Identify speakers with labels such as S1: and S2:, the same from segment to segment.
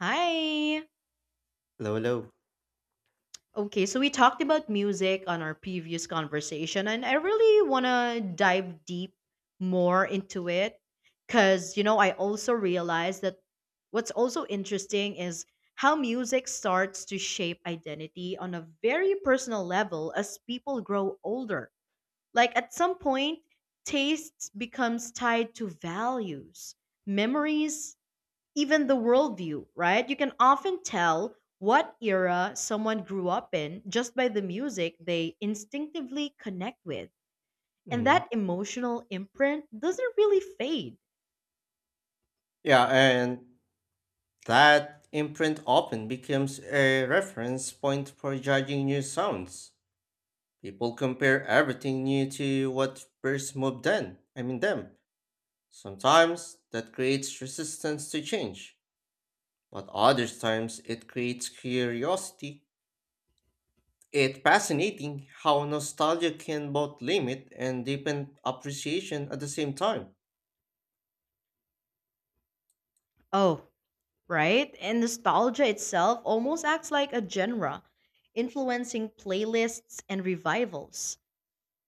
S1: Hi.
S2: Lolo.
S1: Okay, so we talked about music on our previous conversation, and I really want to dive deep more into it because, you know, I also realized that what's also interesting is how music starts to shape identity on a very personal level as people grow older. Like at some point, tastes becomes tied to values, memories, even the worldview, right? You can often tell what era someone grew up in just by the music they instinctively connect with. And
S2: Mm.
S1: that emotional imprint doesn't really fade.
S2: Yeah, and that imprint often becomes a reference point for judging new sounds. People compare everything new to what first moved then. I mean them. Sometimes that creates resistance to change, but other times it creates curiosity. It's fascinating how nostalgia can both limit and deepen appreciation at the same time.
S1: Oh, right? And nostalgia itself almost acts like a genre, influencing playlists and revivals.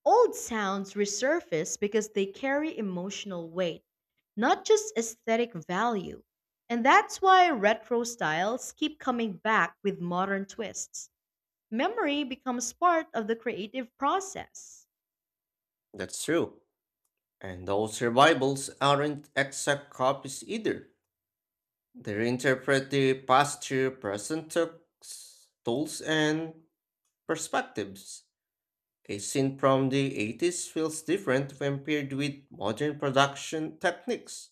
S1: Old sounds resurface because they carry emotional weight, not just aesthetic value. And that's why retro styles keep coming back with modern twists. Memory becomes part of the creative process.
S2: That's true. And those survivals aren't exact copies either. They reinterpret the past through present tools and perspectives. A scene from the 80s feels different when paired with modern production techniques.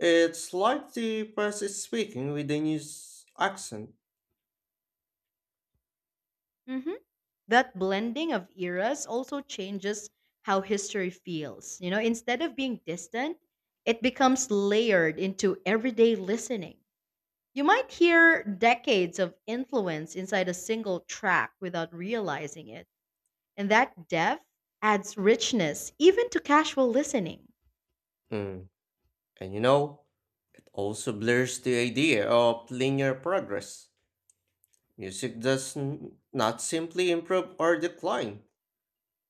S2: It's like the press is speaking with a new accent.
S1: Mhm. That blending of eras also changes how history feels. You know, instead of being distant, it becomes layered into everyday listening. You might hear decades of influence inside a single track without realizing it, and that depth adds richness even to casual listening.
S2: Mm, And you know, it also blurs the idea of linear progress. Music does not simply improve or decline.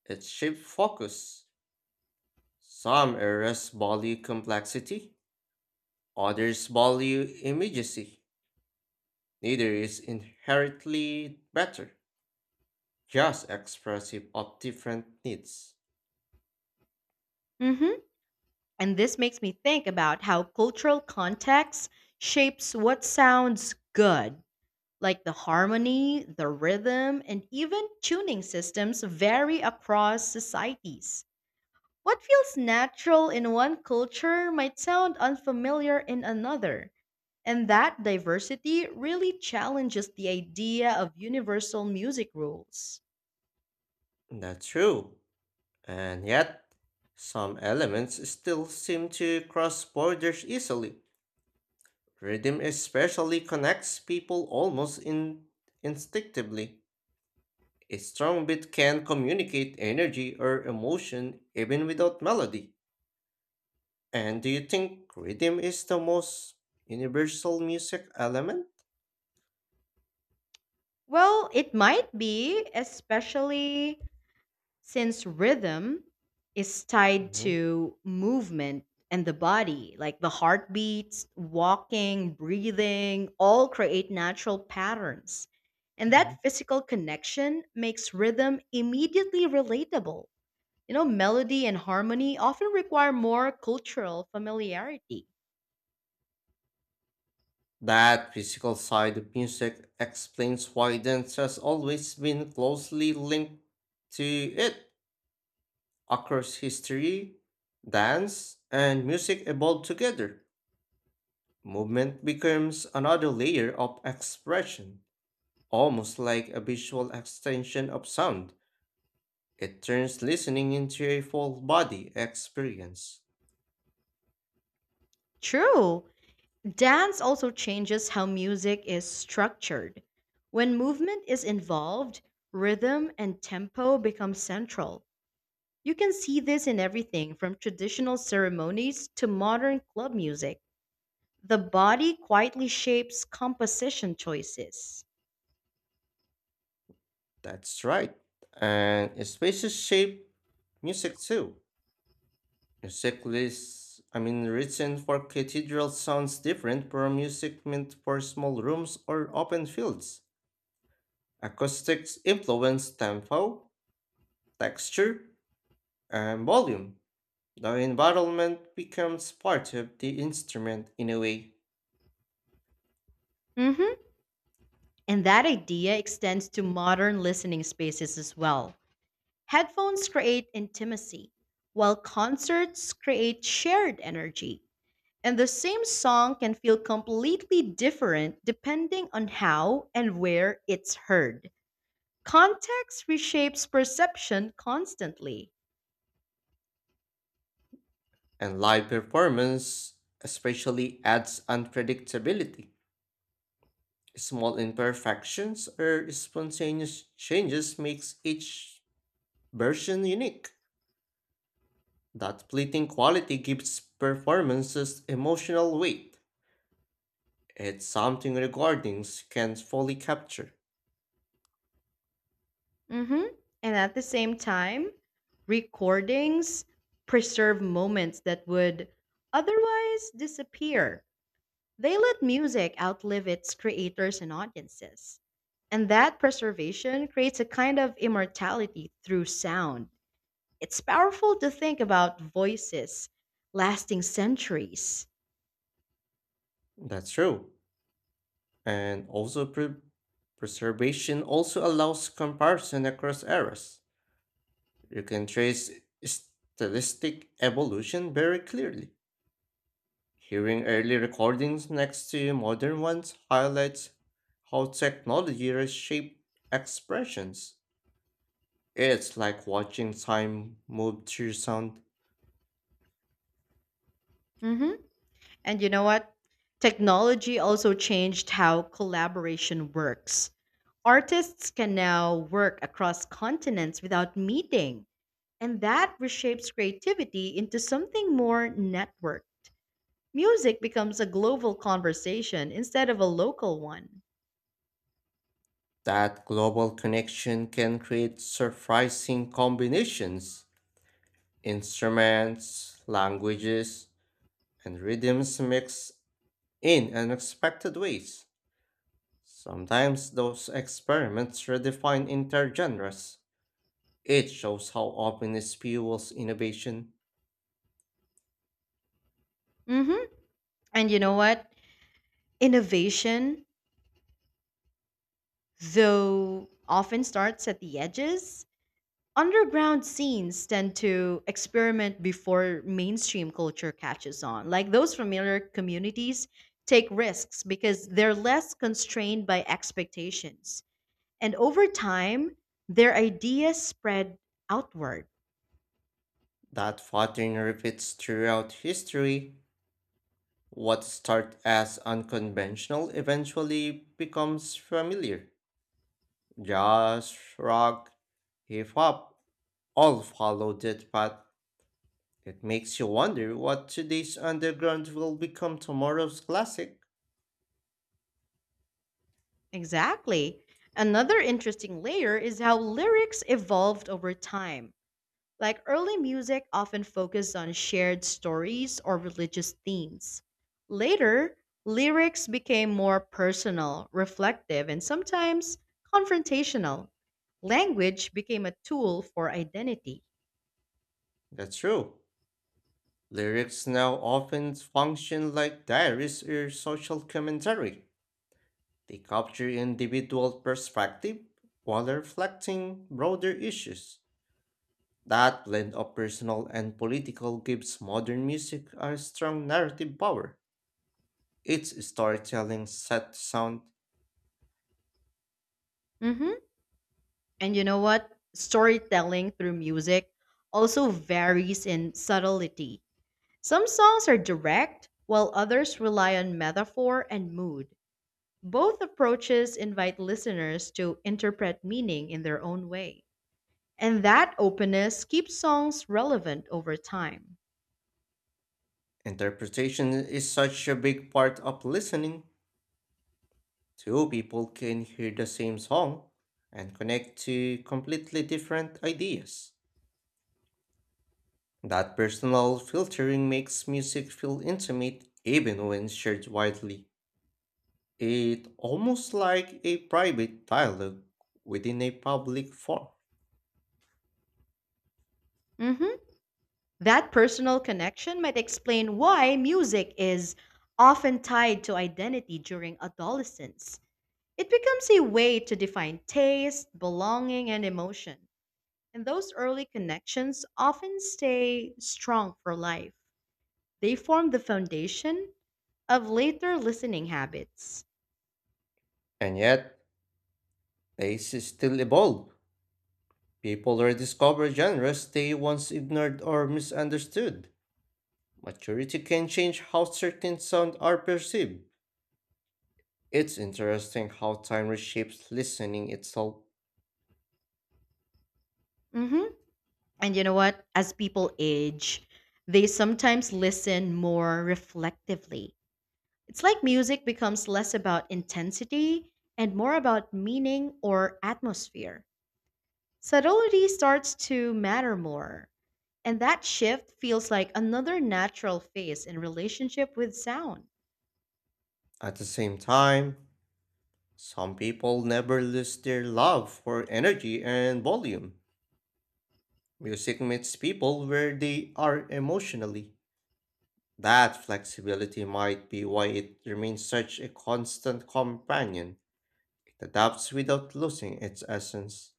S2: It shaped focus. Some areas value complexity, others value immediacy. Neither is inherently better, just expressive of different needs.
S1: Mhm. And this makes me think about how cultural context shapes what sounds good, like the harmony, the rhythm, and even tuning systems vary across societies. What feels natural in one culture might sound unfamiliar in another, and that diversity really challenges the idea of universal music rules.
S2: That's true, and yet some elements still seem to cross borders easily. Rhythm especially connects people almost instinctively. A strong beat can communicate energy or emotion even without melody. And do you think rhythm is the most universal music element?
S1: Well, it might be, especially since rhythm is tied
S2: Mhm,
S1: to movement and the body, like the heartbeats, walking, breathing, all create natural patterns. And
S2: mhm.
S1: that physical connection makes rhythm immediately relatable. You know, melody and harmony often require more cultural familiarity.
S2: That physical side of music explains why dance has always been closely linked to it across history. Dance and music evolved together. Movement becomes another layer of expression, almost like a visual extension of sound. It turns listening into a full body experience.
S1: True. Dance also changes how music is structured. When movement is involved, rhythm and tempo become central. You can see this in everything from traditional ceremonies to modern club music. The body quietly shapes composition choices.
S2: That's right. And spaces shape music too. Music lists, I mean, Written for cathedrals sounds different from music meant for small rooms or open fields. Acoustics influence tempo, texture, and volume. The environment becomes part of the instrument in a way,
S1: Mhm. And that idea extends to modern listening spaces as well. Headphones create intimacy, while concerts create shared energy. And the same song can feel completely different depending on how and where it's heard. Context reshapes perception constantly.
S2: and live performance especially adds unpredictability. Small imperfections or spontaneous changes makes each version unique. That fleeting quality gives performances emotional weight. It's something recordings can't fully capture.
S1: Mhm. And at the same time, recordings preserve moments that would otherwise disappear. They let music outlive its creators and audiences. And that preservation creates a kind of immortality through sound. It's powerful to think about voices lasting centuries.
S2: That's true. And also preservation also allows comparison across eras. You can trace stylistic evolution very clearly. Hearing early recordings next to modern ones highlights how technology reshaped expressions. It's like watching time move through sound.
S1: hmm And you know what? Technology also changed how collaboration works. Artists can now work across continents without meeting, and that reshapes creativity into something more networked. Music becomes a global conversation instead of a local one.
S2: That global connection can create surprising combinations. Instruments, languages, and rhythms mix in unexpected ways. Sometimes those experiments redefine intergenres. It shows how openness fuels innovation.
S1: hmm And you know what? Innovation, though often starts at the edges, underground scenes tend to experiment before mainstream culture catches on. Like those familiar communities take risks because they're less constrained by expectations. And over time, their ideas spread outward.
S2: That pattern repeats throughout history. What starts as unconventional eventually becomes familiar. Jazz, rock, hip hop all follow that path. It makes you wonder what today's underground will become tomorrow's classic.
S1: Exactly. Another interesting layer is how lyrics evolved over time. Like early music often focused on shared stories or religious themes. Later, lyrics became more personal, reflective, and sometimes confrontational. Language became a tool for identity.
S2: That's true. Lyrics now often function like diaries or social commentary. They capture individual perspective while reflecting broader issues. That blend of personal and political gives modern music a strong narrative power. Its storytelling, set sound,
S1: hmm And you know what? Storytelling through music also varies in subtlety. Some songs are direct, while others rely on metaphor and mood. Both approaches invite listeners to interpret meaning in their own way. And that openness keeps songs relevant over time.
S2: interpretation is such a big part of listening. Two people can hear the same song and connect to completely different ideas. That personal filtering makes music feel intimate even when shared widely. It almost like a private dialogue within a public forum.
S1: Mhm. That personal connection might explain why music is often tied to identity during adolescence. It becomes a way to define taste, belonging, and emotion. And those early connections often stay strong for life. They form the foundation of later listening habits.
S2: And yet, tastes still evolve. People rediscover genres they once ignored or misunderstood. Maturity can change how certain sounds are perceived. It's interesting how time reshapes listening itself.
S1: hmm And you know what? As people age, they sometimes listen more reflectively. It's like music becomes less about intensity and more about meaning or atmosphere. Subtlety starts to matter more. And that shift feels like another natural phase in relationship with sound.
S2: At the same time, some people never lose their love for energy and volume. Music meets people where they are emotionally. That flexibility might be why it remains such a constant companion. The adapts without losing its essence.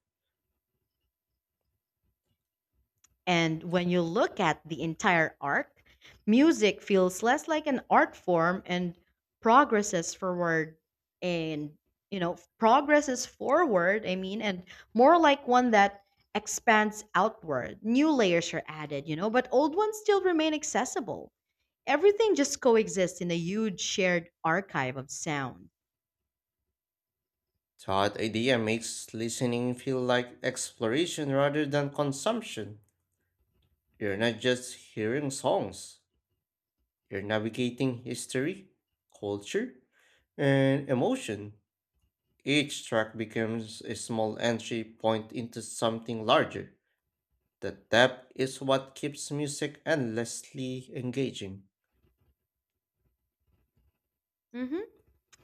S1: And when you look at the entire arc, music feels less like an art form and progresses forward and you know progresses forward I mean and more like one that expands outward. New layers are added, you know, but old ones still remain accessible. Everything just coexists in a huge shared archive of sound.
S2: That idea makes listening feel like exploration rather than consumption. You're not just hearing songs, you're navigating history, culture, and emotion. Each track becomes a small entry point into something larger. The depth is what keeps music endlessly engaging.
S1: hmm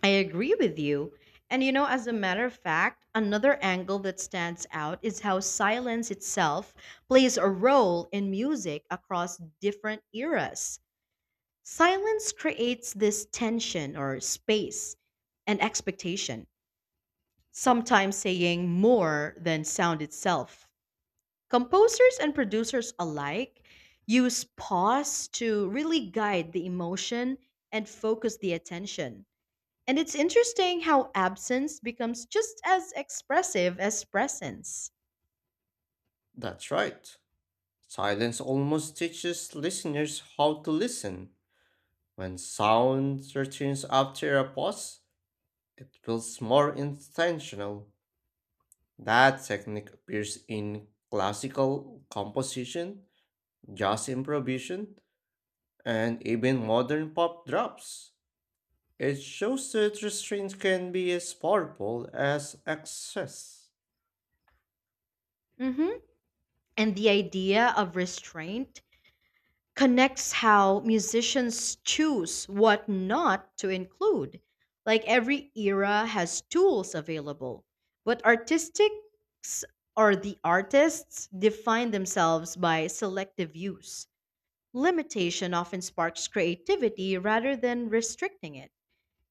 S1: I agree with you. And you know, as a matter of fact, another angle that stands out is how silence itself plays a role in music across different eras. Silence creates this tension or space and expectation, sometimes saying more than sound itself. Composers and producers alike use pause to really guide the emotion and focus the attention, and it's interesting how absence becomes just as expressive as presence.
S2: That's right. Silence almost teaches listeners how to listen. When sound returns after a pause, it feels more intentional. That technique appears in classical composition, jazz improvisation, and even modern pop drops. It shows that restraint can be as powerful as excess.
S1: hmm And the idea of restraint connects how musicians choose what not to include. Like every era has tools available, but artistics or the artists define themselves by selective use. Limitation often sparks creativity rather than restricting it.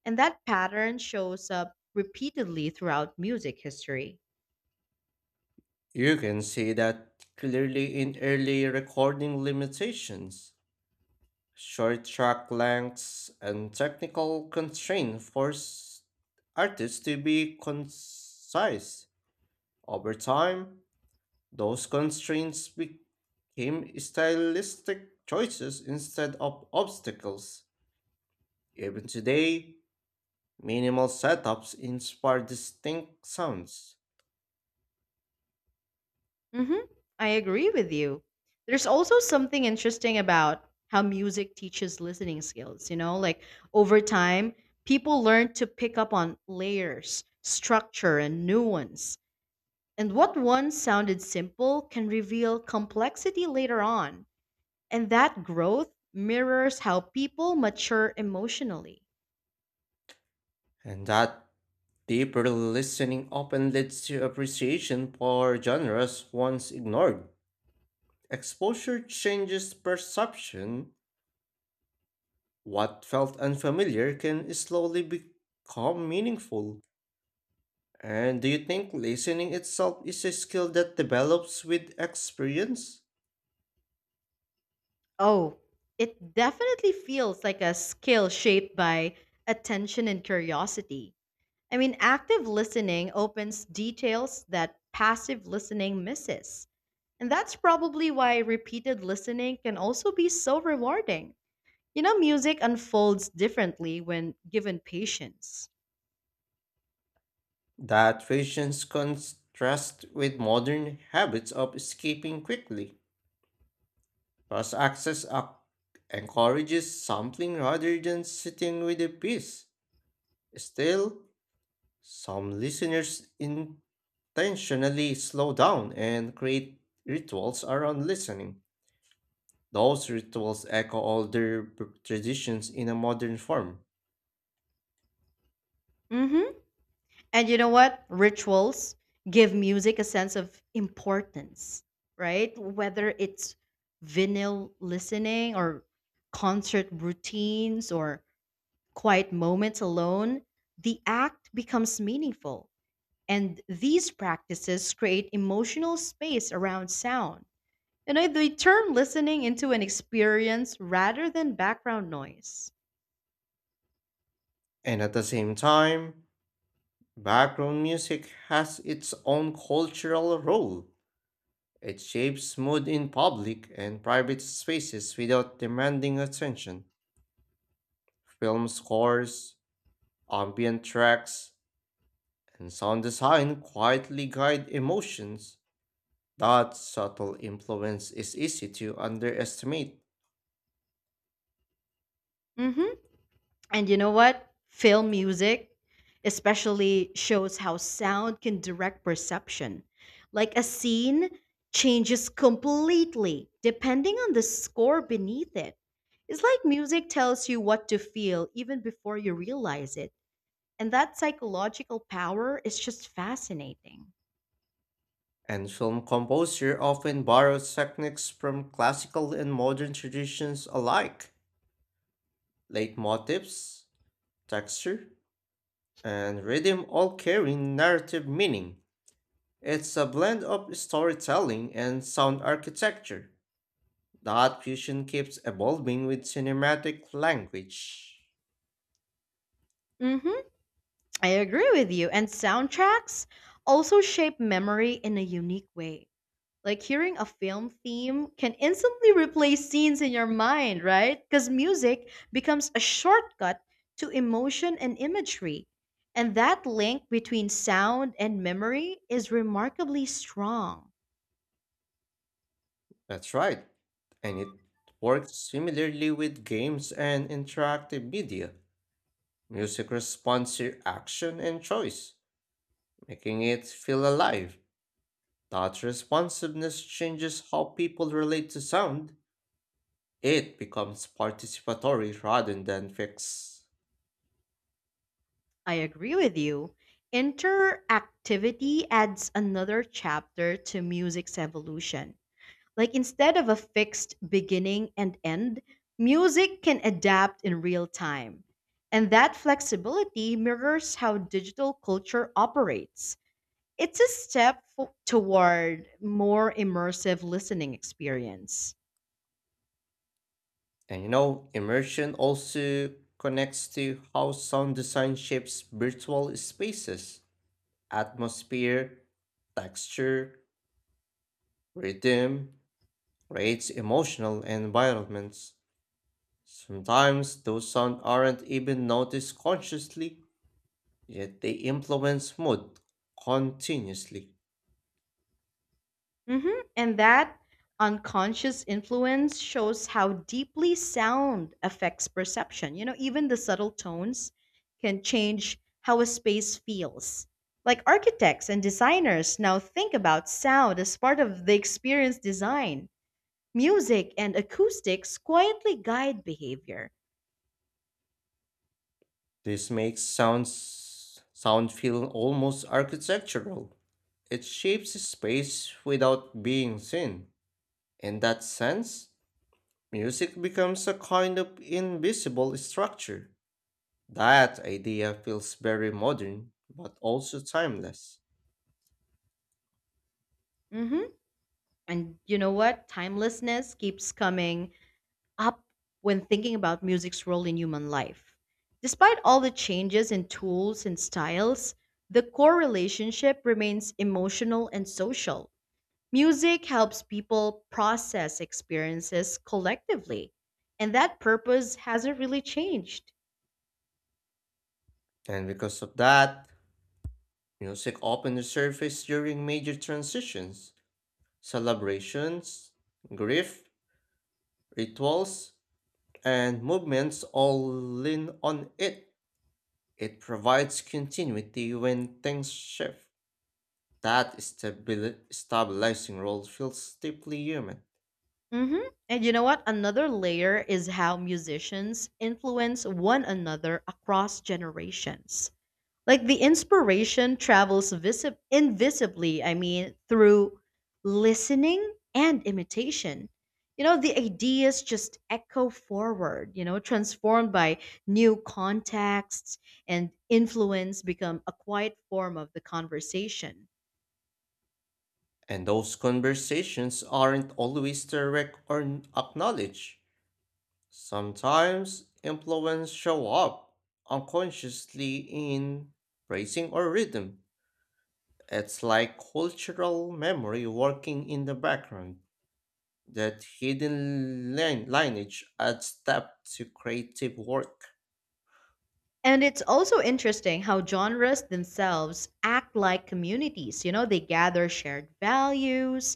S1: And that pattern shows up repeatedly throughout music history.
S2: You can see that clearly in early recording limitations. Short track lengths and technical constraints force artists to be concise. Over time, those constraints became stylistic choices instead of obstacles. Even today, minimal setups inspire distinct sounds,
S1: hmm I agree with you. There's also something interesting about how music teaches listening skills, you know, like over time, people learn to pick up on layers, structure, and nuance. And what once sounded simple can reveal complexity later on. And that growth mirrors how people mature emotionally.
S2: and that deeper listening often leads to appreciation for genres once ignored. Exposure changes perception. What felt unfamiliar can slowly become meaningful. And do you think listening itself is a skill that develops with experience?
S1: Oh, it definitely feels like a skill shaped by attention and curiosity. I mean, active listening opens details that passive listening misses. And that's probably why repeated listening can also be so rewarding. You know, music unfolds differently when given patience.
S2: That patience contrasts with modern habits of escaping quickly. Cross access up encourages sampling rather than sitting with a piece. Still, some listeners intentionally slow down and create rituals around listening. Those rituals echo older traditions in a modern form.
S1: Mm hmm. And you know what? Rituals give music a sense of importance, right? Whether it's vinyl listening or concert routines or quiet moments alone, the act becomes meaningful. And these practices create emotional space around sound. You know, they turn listening into an experience rather than background noise.
S2: And at the same time, background music has its own cultural role. It shapes mood in public and private spaces without demanding attention. Film scores, ambient tracks, and sound design quietly guide emotions. That subtle influence is easy to underestimate.
S1: hmm And you know what? Film music especially shows how sound can direct perception. Like a scene changes completely depending on the score beneath it. It's like music tells you what to feel even before you realize it. And that psychological power is just fascinating.
S2: And film composer often borrows techniques from classical and modern traditions alike. Leitmotifs, texture, and rhythm all carry narrative meaning. It's a blend of storytelling and sound architecture. That fusion keeps evolving with cinematic language.
S1: hmm I agree with you. And soundtracks also shape memory in a unique way. Like hearing a film theme can instantly replay scenes in your mind, right? Because music becomes a shortcut to emotion and imagery. And that link between sound and memory is remarkably strong.
S2: That's right, and it works similarly with games and interactive media. Music responds to action and choice making it feel alive. That responsiveness changes how people relate to sound. It becomes participatory rather than fixed.
S1: I agree with you. Interactivity adds another chapter to music's evolution. Like instead of a fixed beginning and end, music can adapt in real time. And that flexibility mirrors how digital culture operates. It's a step toward more immersive listening experience.
S2: And you know, immersion also connects to how sound design shapes virtual spaces. Atmosphere, texture, rhythm creates emotional environments. Sometimes those sounds aren't even noticed consciously yet they influence mood continuously.
S1: And that unconscious influence shows how deeply sound affects perception. You know, even the subtle tones can change how a space feels. Like architects and designers now think about sound as part of the experience design. Music and acoustics quietly guide behavior.
S2: This makes sounds sound feel almost architectural. It shapes space without being seen. In that sense, music becomes a kind of invisible structure. That idea feels very modern but also timeless.
S1: hmm And you know what? Timelessness keeps coming up when thinking about music's role in human life. Despite all the changes in tools and styles, the core relationship remains emotional and social. Music helps people process experiences collectively, and that purpose hasn't really changed.
S2: And because of that, music often resurfaces during major transitions, celebrations, grief, rituals, and movements all lean on it. It provides continuity when things shift. That stabilizing role feels deeply human.
S1: And you know what? Another layer is how musicians influence one another across generations. Like the inspiration travels invisibly through listening and imitation. You know, the ideas just echo forward, you know, transformed by new contexts, and influence become a quiet form of the conversation.
S2: And those conversations aren't always direct or acknowledged. Sometimes influence show up unconsciously in phrasing or rhythm. It's like cultural memory working in the background. That hidden lineage adds depth to creative work.
S1: And it's also interesting how genres themselves act like communities. You know, they gather shared values,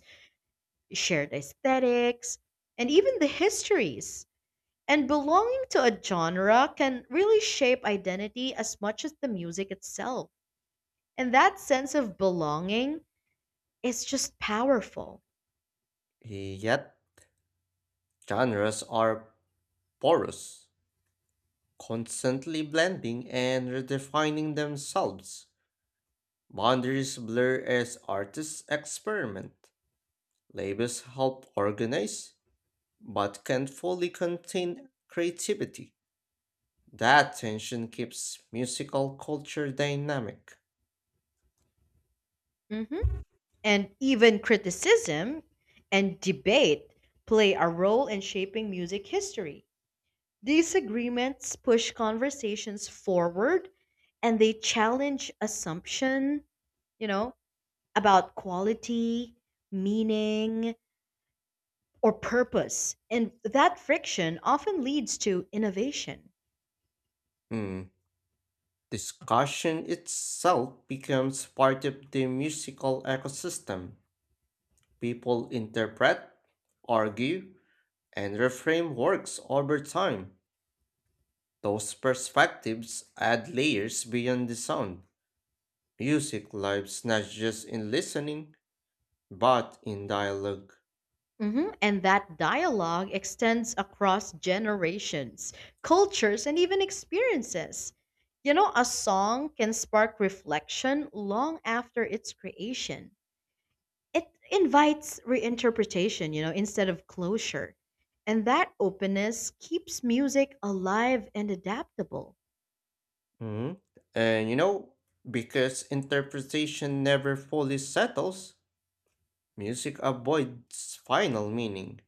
S1: shared aesthetics, and even the histories. And belonging to a genre can really shape identity as much as the music itself. And that sense of belonging is just powerful.
S2: Yet, genres are porous, constantly blending and redefining themselves. Boundaries blur as artists experiment. Labels help organize, but can't fully contain creativity. That tension keeps musical culture dynamic.
S1: Mhm. And even criticism and debate play a role in shaping music history. Disagreements push conversations forward, and they challenge assumption, you know, about quality, meaning, or purpose. And that friction often leads to innovation.
S2: Hmm. Discussion itself becomes part of the musical ecosystem. People interpret, argue, and reframe works over time. Those perspectives add layers beyond the sound. Music lives not just in listening, but in dialog.
S1: Mhm. And that dialogue extends across generations, cultures, and even experiences. You know, a song can spark reflection long after its creation. It invites reinterpretation, you know, instead of closure. And that openness keeps music alive and adaptable.
S2: Mhm. And you know, because interpretation never fully settles, music avoids final meaning.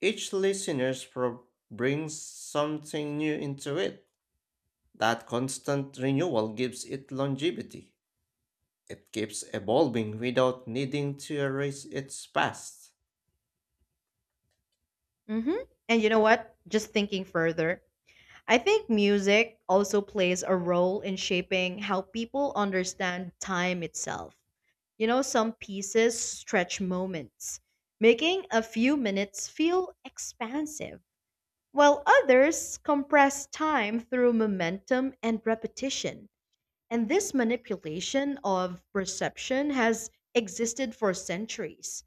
S2: Each brings something new into it. That constant renewal gives it longevity. It keeps evolving without needing to erase its past.
S1: hmm And you know what? Just thinking further, I think music also plays a role in shaping how people understand time itself. You know, some pieces stretch moments, making a few minutes feel expansive, while others compress time through momentum and repetition. And this manipulation of perception has existed for centuries.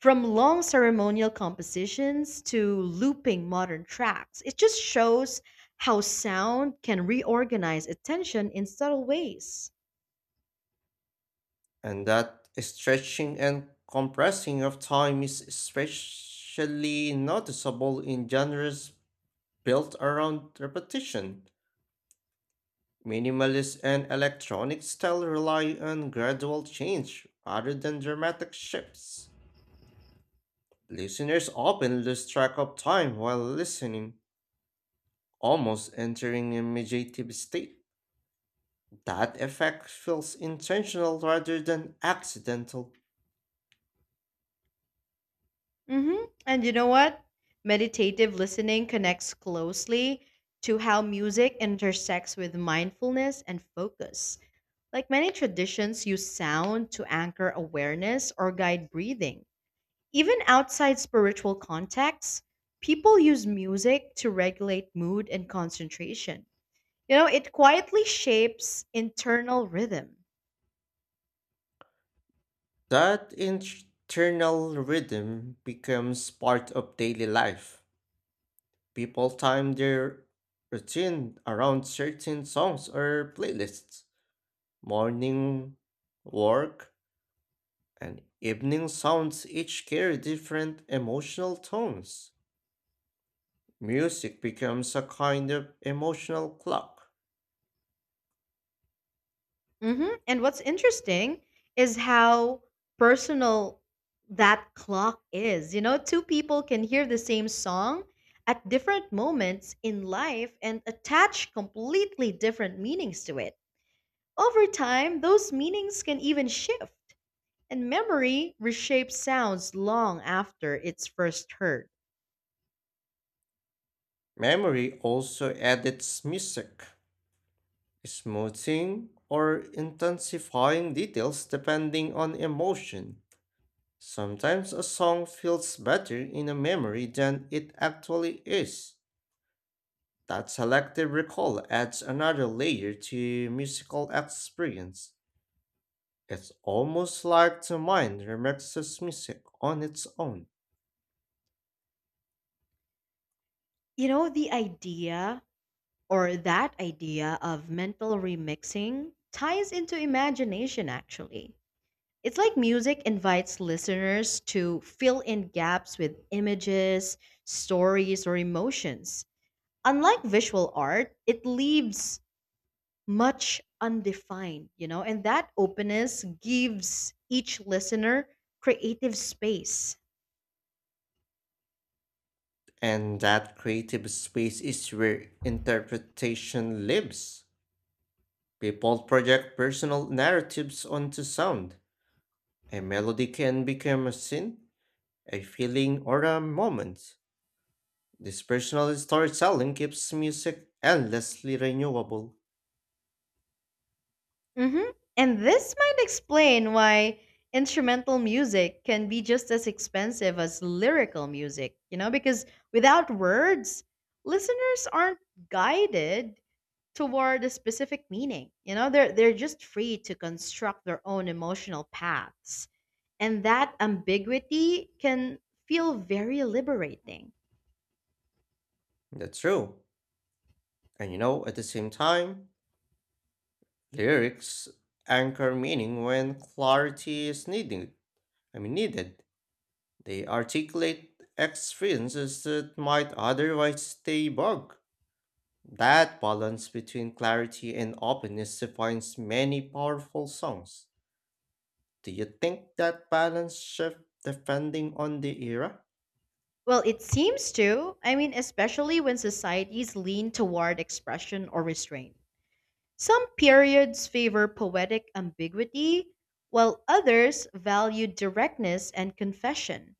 S1: From long ceremonial compositions to looping modern tracks, it just shows how sound can reorganize attention in subtle ways.
S2: And that stretching and compressing of time is especially noticeable in genres built around repetition. Minimalist and electronic style rely on gradual change rather than dramatic shifts. Listeners often lose track of time while listening, almost entering a meditative state. That effect feels intentional rather than accidental.
S1: hmm And you know what? Meditative listening connects closely to how music intersects with mindfulness and focus. Like many traditions use sound to anchor awareness or guide breathing. Even outside spiritual contexts, people use music to regulate mood and concentration. You know, it quietly shapes internal rhythm.
S2: That internal rhythm becomes part of daily life. People time their routine around certain songs or playlists. Morning, work, and evening sounds each carry different emotional tones. Music becomes a kind of emotional clock.
S1: And what's interesting is how personal that clock is. You know, two people can hear the same song at different moments in life and attach completely different meanings to it. Over time, those meanings can even shift. And memory reshapes sounds long after it's first heard.
S2: Memory also edits music, smoothing or intensifying details depending on emotion. Sometimes a song feels better in a memory than it actually is. That selective recall adds another layer to musical experience. It's almost like the mind remixes music on its own.
S1: You know, the idea or that idea of mental remixing ties into imagination, actually. It's like music invites listeners to fill in gaps with images, stories, or emotions. Unlike visual art, it leaves much undefined, you know, and that openness gives each listener creative space.
S2: And that creative space is where interpretation lives. People project personal narratives onto sound. A melody can become a scene, a feeling, or a moment. This personal storytelling keeps music endlessly renewable.
S1: hmm And this might explain why instrumental music can be just as expensive as lyrical music, you know, because without words, listeners aren't guided toward a specific meaning. You know, they're just free to construct their own emotional paths. And that ambiguity can feel very liberating.
S2: That's true. And you know, at the same time, lyrics anchor meaning when clarity is needed. They articulate experiences that might otherwise stay vague. That balance between clarity and openness defines many powerful songs. Do you think that balance shift depending on the era?
S1: Well, it seems to. I mean, especially when societies lean toward expression or restraint. Some periods favor poetic ambiguity, while others value directness and confession.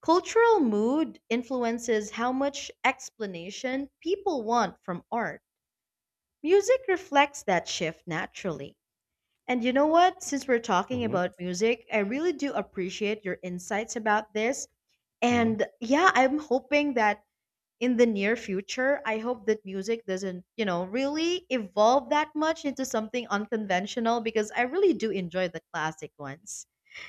S1: Cultural mood influences how much explanation people want from art. Music reflects that shift naturally. And you know what? Since we're talking
S2: Mm-hmm.
S1: about music, I really do appreciate your insights about this.
S2: Hmm.
S1: And yeah, I'm hoping that in the near future, I hope that music doesn't, you know, really evolve that much into something unconventional because I really do enjoy the classic ones.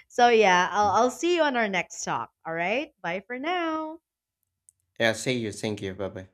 S1: So yeah, I'll see you on our next talk. All right. Bye for now.
S2: Yeah, see you. Thank you. Bye bye.